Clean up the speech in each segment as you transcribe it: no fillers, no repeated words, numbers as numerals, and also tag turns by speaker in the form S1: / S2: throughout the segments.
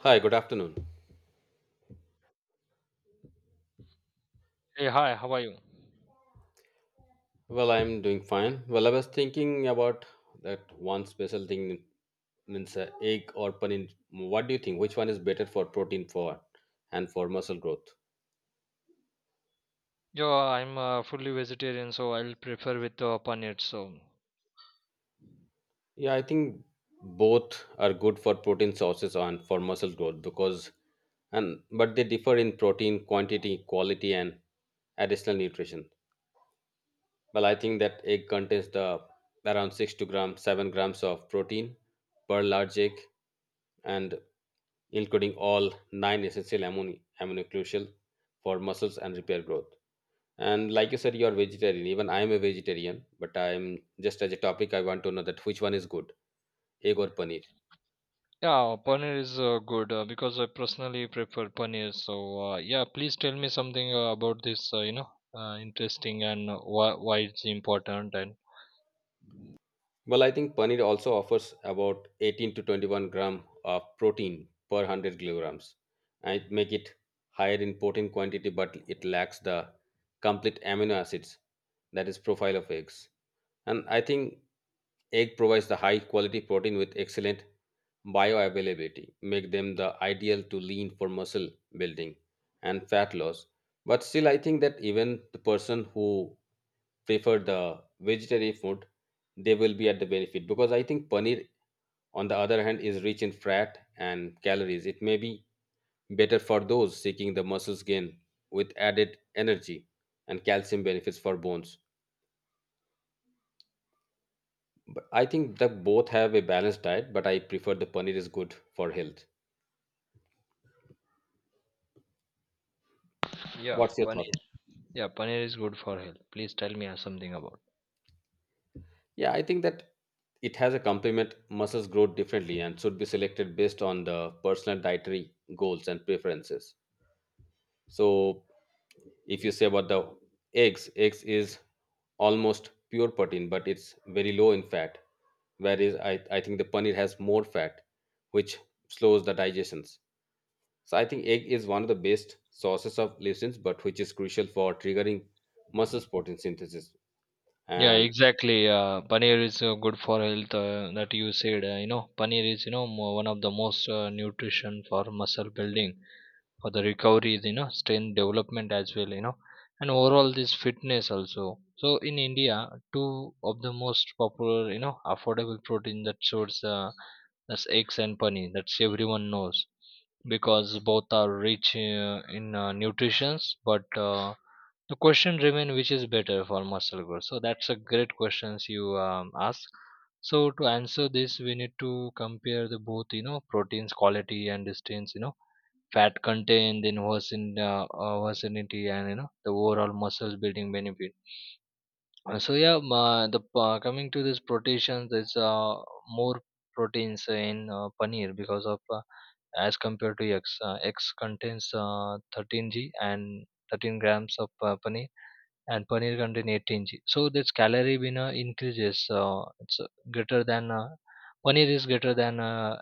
S1: Hi, good afternoon.
S2: Hey, hi, how are you?
S1: Well, I'm doing fine. Well, I was thinking about that one special thing means egg or paneer. What do you think? Which one is better for protein for and for muscle growth?
S2: Yeah, I'm fully vegetarian, so I'll prefer with paneer. So,
S1: Yeah, I think both are good for protein sources and for muscle growth because and but they differ in protein quantity, quality, and additional nutrition. Well, I think that egg contains the around six to gram, 7 grams of protein per large egg, and including all nine essential amino crucial for muscles and repair growth. And like you said, you are vegetarian. Even I am a vegetarian, but I am just as a topic. I want to know that which one is good, egg or paneer.
S2: Yeah, paneer is good because I personally prefer paneer. So yeah, please tell me something about this. Interesting. And uh, why why it's important. And
S1: Well, I think paneer also offers about 18 to 21 gram of protein per 100 kilograms. And it make it higher in protein quantity, but it lacks the complete amino acids that is profile of eggs. And I think egg provides the high quality protein with excellent bioavailability, make them the ideal to lean for muscle building and fat loss. But still, I think that even the person who prefer the vegetarian food, they will be at the benefit because I think paneer, on the other hand, is rich in fat and calories. It may be better for those seeking the muscles gain with added energy and calcium benefits for bones. I think that both have a balanced diet, but I prefer the paneer is good for health.
S2: Yeah,
S1: What's your
S2: paneer.
S1: thought?
S2: Yeah, paneer is good for health. Please tell me something about.
S1: Yeah, I think that it has a complement. Muscles grow differently and should be selected based on the personal dietary goals and preferences. So, if you say about the eggs, eggs is almost pure protein, but it's very low in fat. Whereas I think the paneer has more fat, which slows the digestions. So I think egg is one of the best sources of leucines, but which is crucial for triggering muscles protein synthesis.
S2: Yeah,
S1: And
S2: exactly. Paneer is good for health, that you said. Paneer is, one of the most nutrition for muscle building, for the recovery, strength development as well, and overall this fitness also. So in India, two of the most popular, affordable protein that source, that's eggs and paneer, that's everyone knows, because both are rich in nutritions. But The question remains, which is better for muscle growth? So that's a great questions you ask. So to answer this, we need to compare the both, proteins quality and distance, fat content, then versatility, and the overall muscle building benefit. So yeah, the Coming to this proteins, there's more proteins in paneer because of as compared to eggs. Eggs contains 13 g, and 13 grams of paneer, and paneer contain 18 g. So this calorie winner increases. It's greater than Paneer is greater than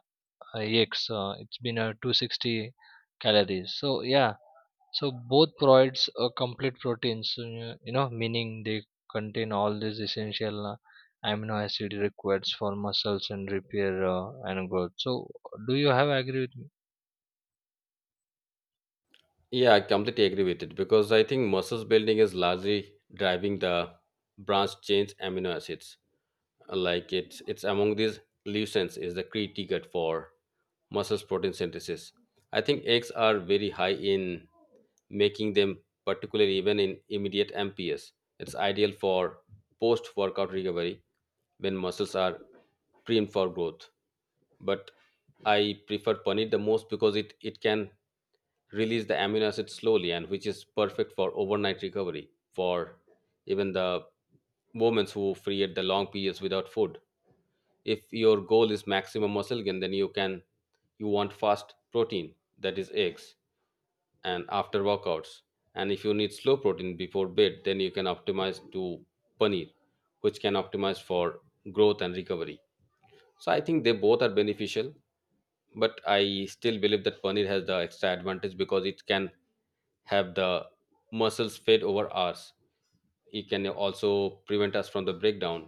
S2: ex it's been a 260 calories. So yeah, so both provides a complete proteins, meaning they contain all these essential amino acid required for muscles and repair and growth. So do you have agree with me?
S1: yeah, I completely agree with it because I think muscles building is largely driving the branched chain amino acids. Like it's among these leucines is the key ticket for muscles protein synthesis. I think eggs are very high in, making them particularly even in immediate mps. It's ideal for post workout recovery when muscles are primed for growth. But I prefer paneer the most because it can release the amino acid slowly and which is perfect for overnight recovery for even the women who create the long periods without food. If your goal is maximum muscle gain, then you can you want fast protein that is eggs and after workouts. And if you need slow protein before bed, then you can optimize to paneer, which can optimize for growth and recovery. So I think they both are beneficial but I still believe that paneer has the extra advantage because it can have the muscles fade over hours. It can also prevent us from the breakdown.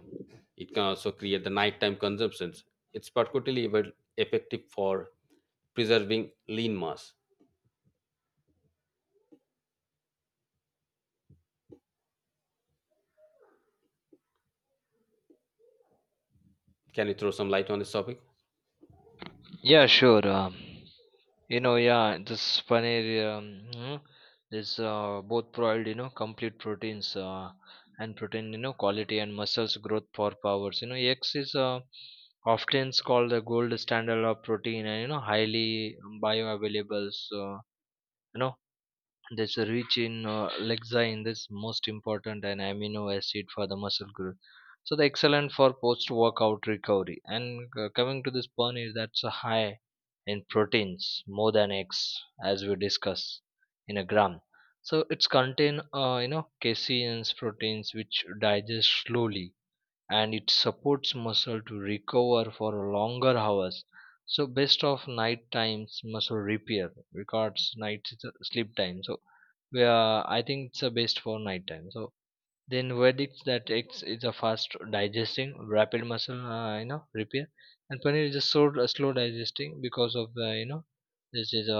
S1: It can also create the nighttime consumptions. It's particularly effective for preserving lean mass. Can you throw some light on this topic?
S2: Yeah, sure. Yeah, this paneer, um, mhm, is both provide, complete proteins, and protein, quality and muscles growth for powers. You know, eggs is often called the gold standard of protein, and highly bioavailable. So, you know, that's rich in lexin, that's most important and amino acid for the muscle growth. So the excellent for post workout recovery. And coming to this paneer, that's a high in proteins, more than eggs, as we discussed, in a gram. So it's contain caseins proteins, which digest slowly, and it supports muscle to recover for longer hours. So best of night times muscle repair records night sleep time. So we are, I think it's the best for night time. So then verdicts that it's a fast digesting rapid muscle, repair, and paneer is a slow digesting because of, this is a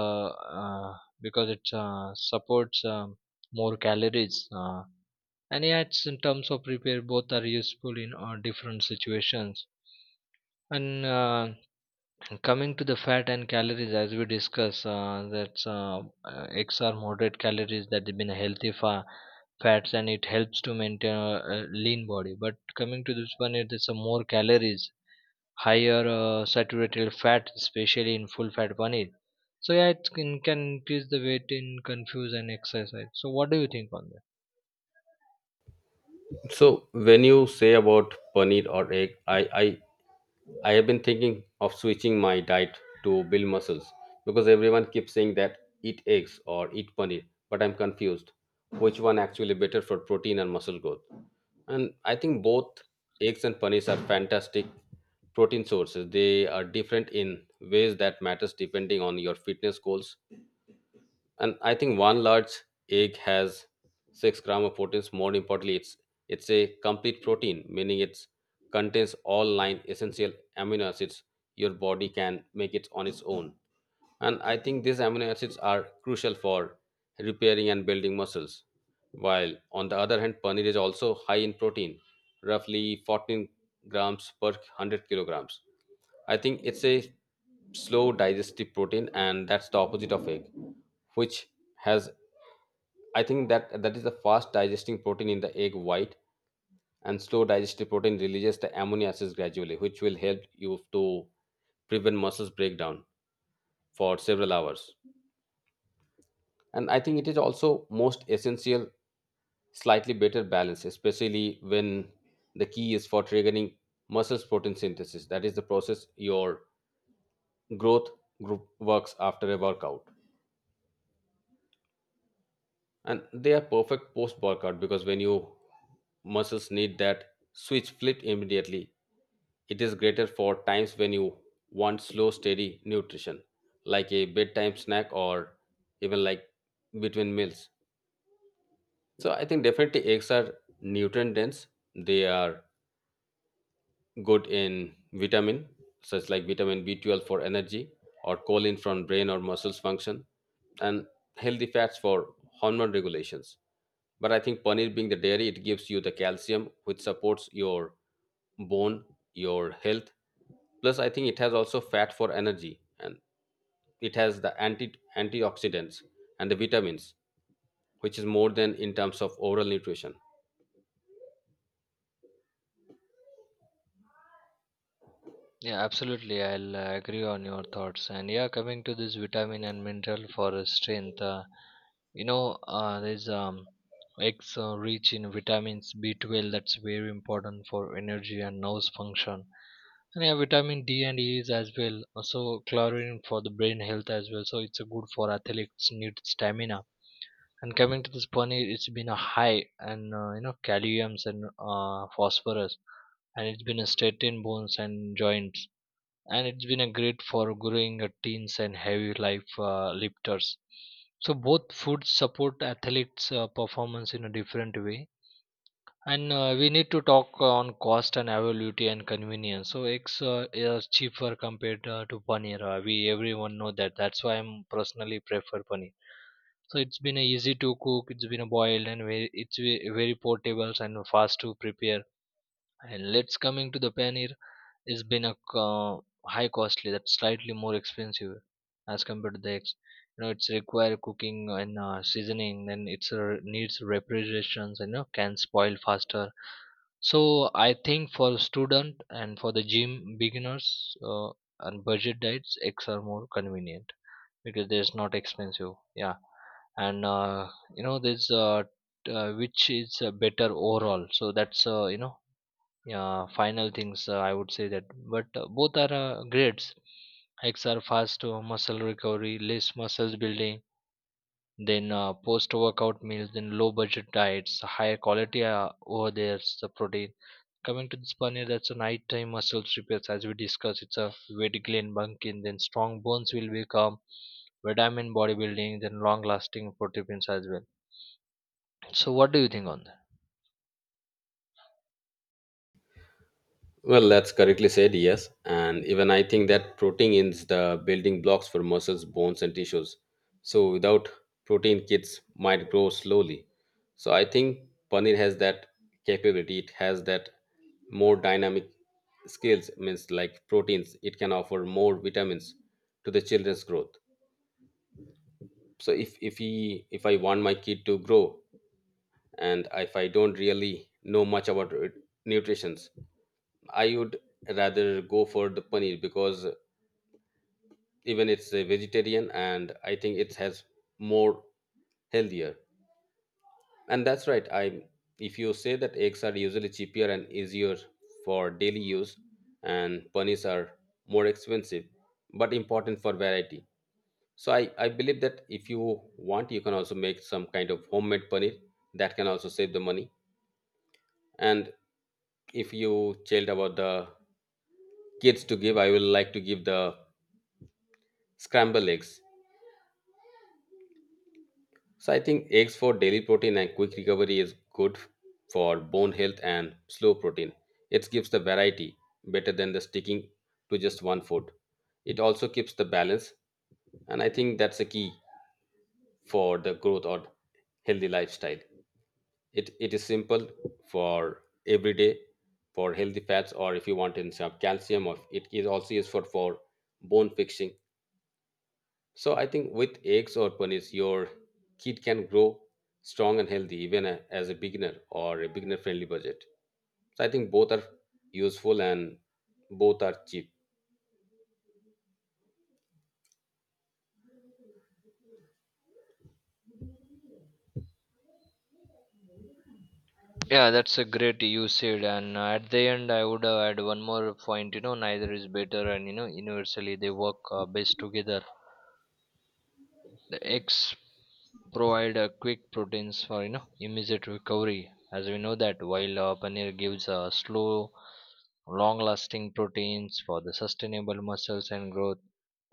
S2: because it supports more calories, and yeah, it's in terms of repair, both are useful in different situations. And Coming to the fat and calories, as we discuss, that's x are moderate calories, that have been healthy fats, and it helps to maintain a lean body. But coming to this one, it's some more calories, higher saturated fat, especially in full fat paneer. So yeah, can increase the weight in confuse and exercise. So what do you think on that?
S1: So when you say about paneer or egg, I have been thinking of switching my diet to build muscles because everyone keeps saying that eat eggs or eat paneer, but I'm confused which one actually better for protein and muscle growth. And I think both eggs and paneer are fantastic protein sources. They are different in ways that matters depending on your fitness goals. And I think one large egg has 6 gram of proteins. More importantly, it's a complete protein, meaning it contains all nine essential amino acids your body can make it on its own. And I think these amino acids are crucial for repairing and building muscles. While on the other hand, paneer is also high in protein, roughly 14 grams per 100 kilograms. I think it's a slow digestive protein, and that's the opposite of egg, which has, I think that that is the fast digesting protein in the egg white, and slow digestive protein releases the amino acids gradually, which will help you to prevent muscles breakdown for several hours. And I think it is also most essential slightly better balance especially when the key is for triggering muscles protein synthesis, that is the process your growth group works after a workout. And they are perfect post workout because when you muscles need that switch flipped immediately, it is greater for times when you want slow steady nutrition, like a bedtime snack or even like between meals. So I think definitely eggs are nutrient dense. They are good in vitamin, such like vitamin B12 for energy, or choline from brain or muscles function, and healthy fats for hormone regulations. But I think paneer being the dairy, it gives you the calcium which supports your bone, your health. Plus, I think it has also fat for energy, and it has the antioxidants and the vitamins, which is more than in terms of oral nutrition.
S2: Yeah, absolutely. I'll agree on your thoughts. And yeah, coming to this vitamin and mineral for strength, you know, there's eggs rich in vitamins B12, that's very important for energy and nose function. And yeah, vitamin D and E is as well. Also, chlorine for the brain health as well. So it's a good for athletes need stamina. And coming to this paneer, it's been a high and, calciums and phosphorus, and it's been a straight in bones and joints, and it's been a great for growing teens and heavy life lifters. So both foods support athletes performance in a different way. And we need to talk on cost and availability and convenience. So eggs is cheaper compared to paneer, we everyone know that, that's why I'm personally prefer paneer. So it's been easy to cook, it's been boiled and very portable and fast to prepare. And let's coming to the paneer, it's been a high costly, that's slightly more expensive as compared to the eggs. You know, it's require cooking and seasoning, then it's needs refrigerations, and you know, can spoil faster. So I think for student and for the gym beginners and budget diets, eggs are more convenient, because there's not expensive. Yeah. and you know this t- Which is better overall? So that's yeah, final things, I would say that, but both are grades. Hikes are fast to muscle recovery, less muscles building, then post workout meals, then low budget diets, higher quality over there, the protein. Coming to this paneer, that's a nighttime muscle repairs, as we discussed, it's a weight gain bunking, then strong bones will become vitamin bodybuilding, then long lasting proteins as well. So what do you think on that?
S1: Well, that's correctly said, yes. And even I think that protein is the building blocks for muscles, bones, and tissues. So without protein, kids might grow slowly. So I think paneer has that capability. It has that more dynamic skills, means like proteins. It can offer more vitamins to the children's growth. So if I want my kid to grow, and if I don't really know much about nutrition, I would rather go for the paneer because even it's a vegetarian and I think it has more healthier. And that's right. I if you say that eggs are usually cheaper and easier for daily use and paneers are more expensive but important for variety. So I believe that if you want you can also make some kind of homemade paneer that can also save the money. And if you told about the kids to give, I will like to give the scramble eggs. So I think eggs for daily protein and quick recovery is good for bone health and slow protein. It gives the variety better than the sticking to just one food. It also keeps the balance and I think that's the key for the growth or healthy lifestyle. It is simple for every day for healthy fats or if you want in some calcium or it is also useful for bone fixing. So I think with eggs or ponies, your kid can grow strong and healthy even as a beginner or a beginner-friendly budget. So I think both are useful and both are cheap.
S2: Yeah, that's a great you said, and at the end, I would add one more point. You know, neither is better, and you know, universally they work best together. The eggs provide quick proteins for, immediate recovery, as we know that, while paneer gives slow, long-lasting proteins for the sustainable muscles and growth.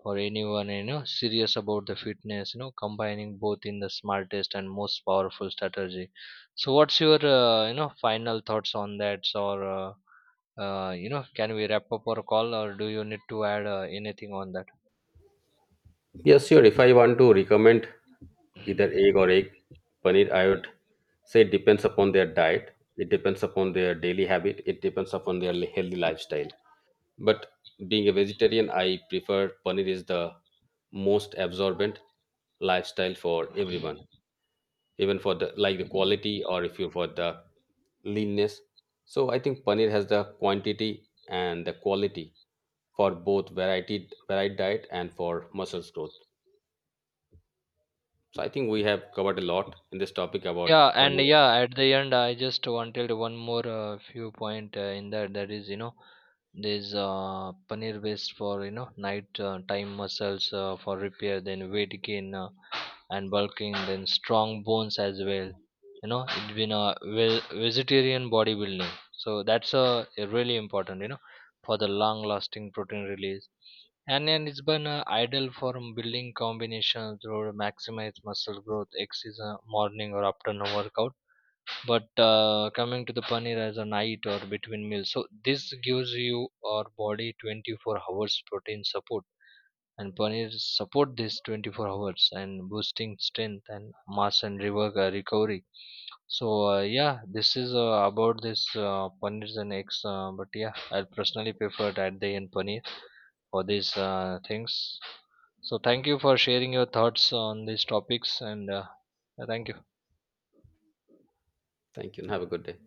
S2: For anyone, serious about the fitness, combining both in the smartest and most powerful strategy. So what's your, final thoughts on that? Or can we wrap up our call? Or do you need to add anything on that?
S1: Yes, sure. If I want to recommend either egg or egg paneer, I would say it depends upon their diet. It depends upon their daily habit. It depends upon their healthy lifestyle. But being a vegetarian, I prefer paneer is the most absorbent lifestyle for everyone. Even for the like the quality or if you for the leanness, so I think paneer has the quantity and the quality for both variety varied diet and for muscles growth. So I think we have covered a lot in this topic about
S2: Yeah, and
S1: paneer.
S2: yeah, at the end, I just wanted one more few point in that. That is, you know, there's paneer based for, you know, night time muscles for repair, then weight gain and bulking, then strong bones as well. You know, it's been a vegetarian bodybuilding, so that's a really important. You know, for the long lasting protein release. And then it's been ideal for building combinations or maximize muscle growth. X is a morning or afternoon workout. But coming to the paneer as a night or between meals. So this gives you our body 24 hours protein support. And paneer support this 24 hours and boosting strength and mass and recovery. So yeah, this is about this paneer and eggs. But yeah, I'll personally prefer at the end paneer for these things. So thank you for sharing your thoughts on these topics. And Thank you.
S1: Thank you and have a good day.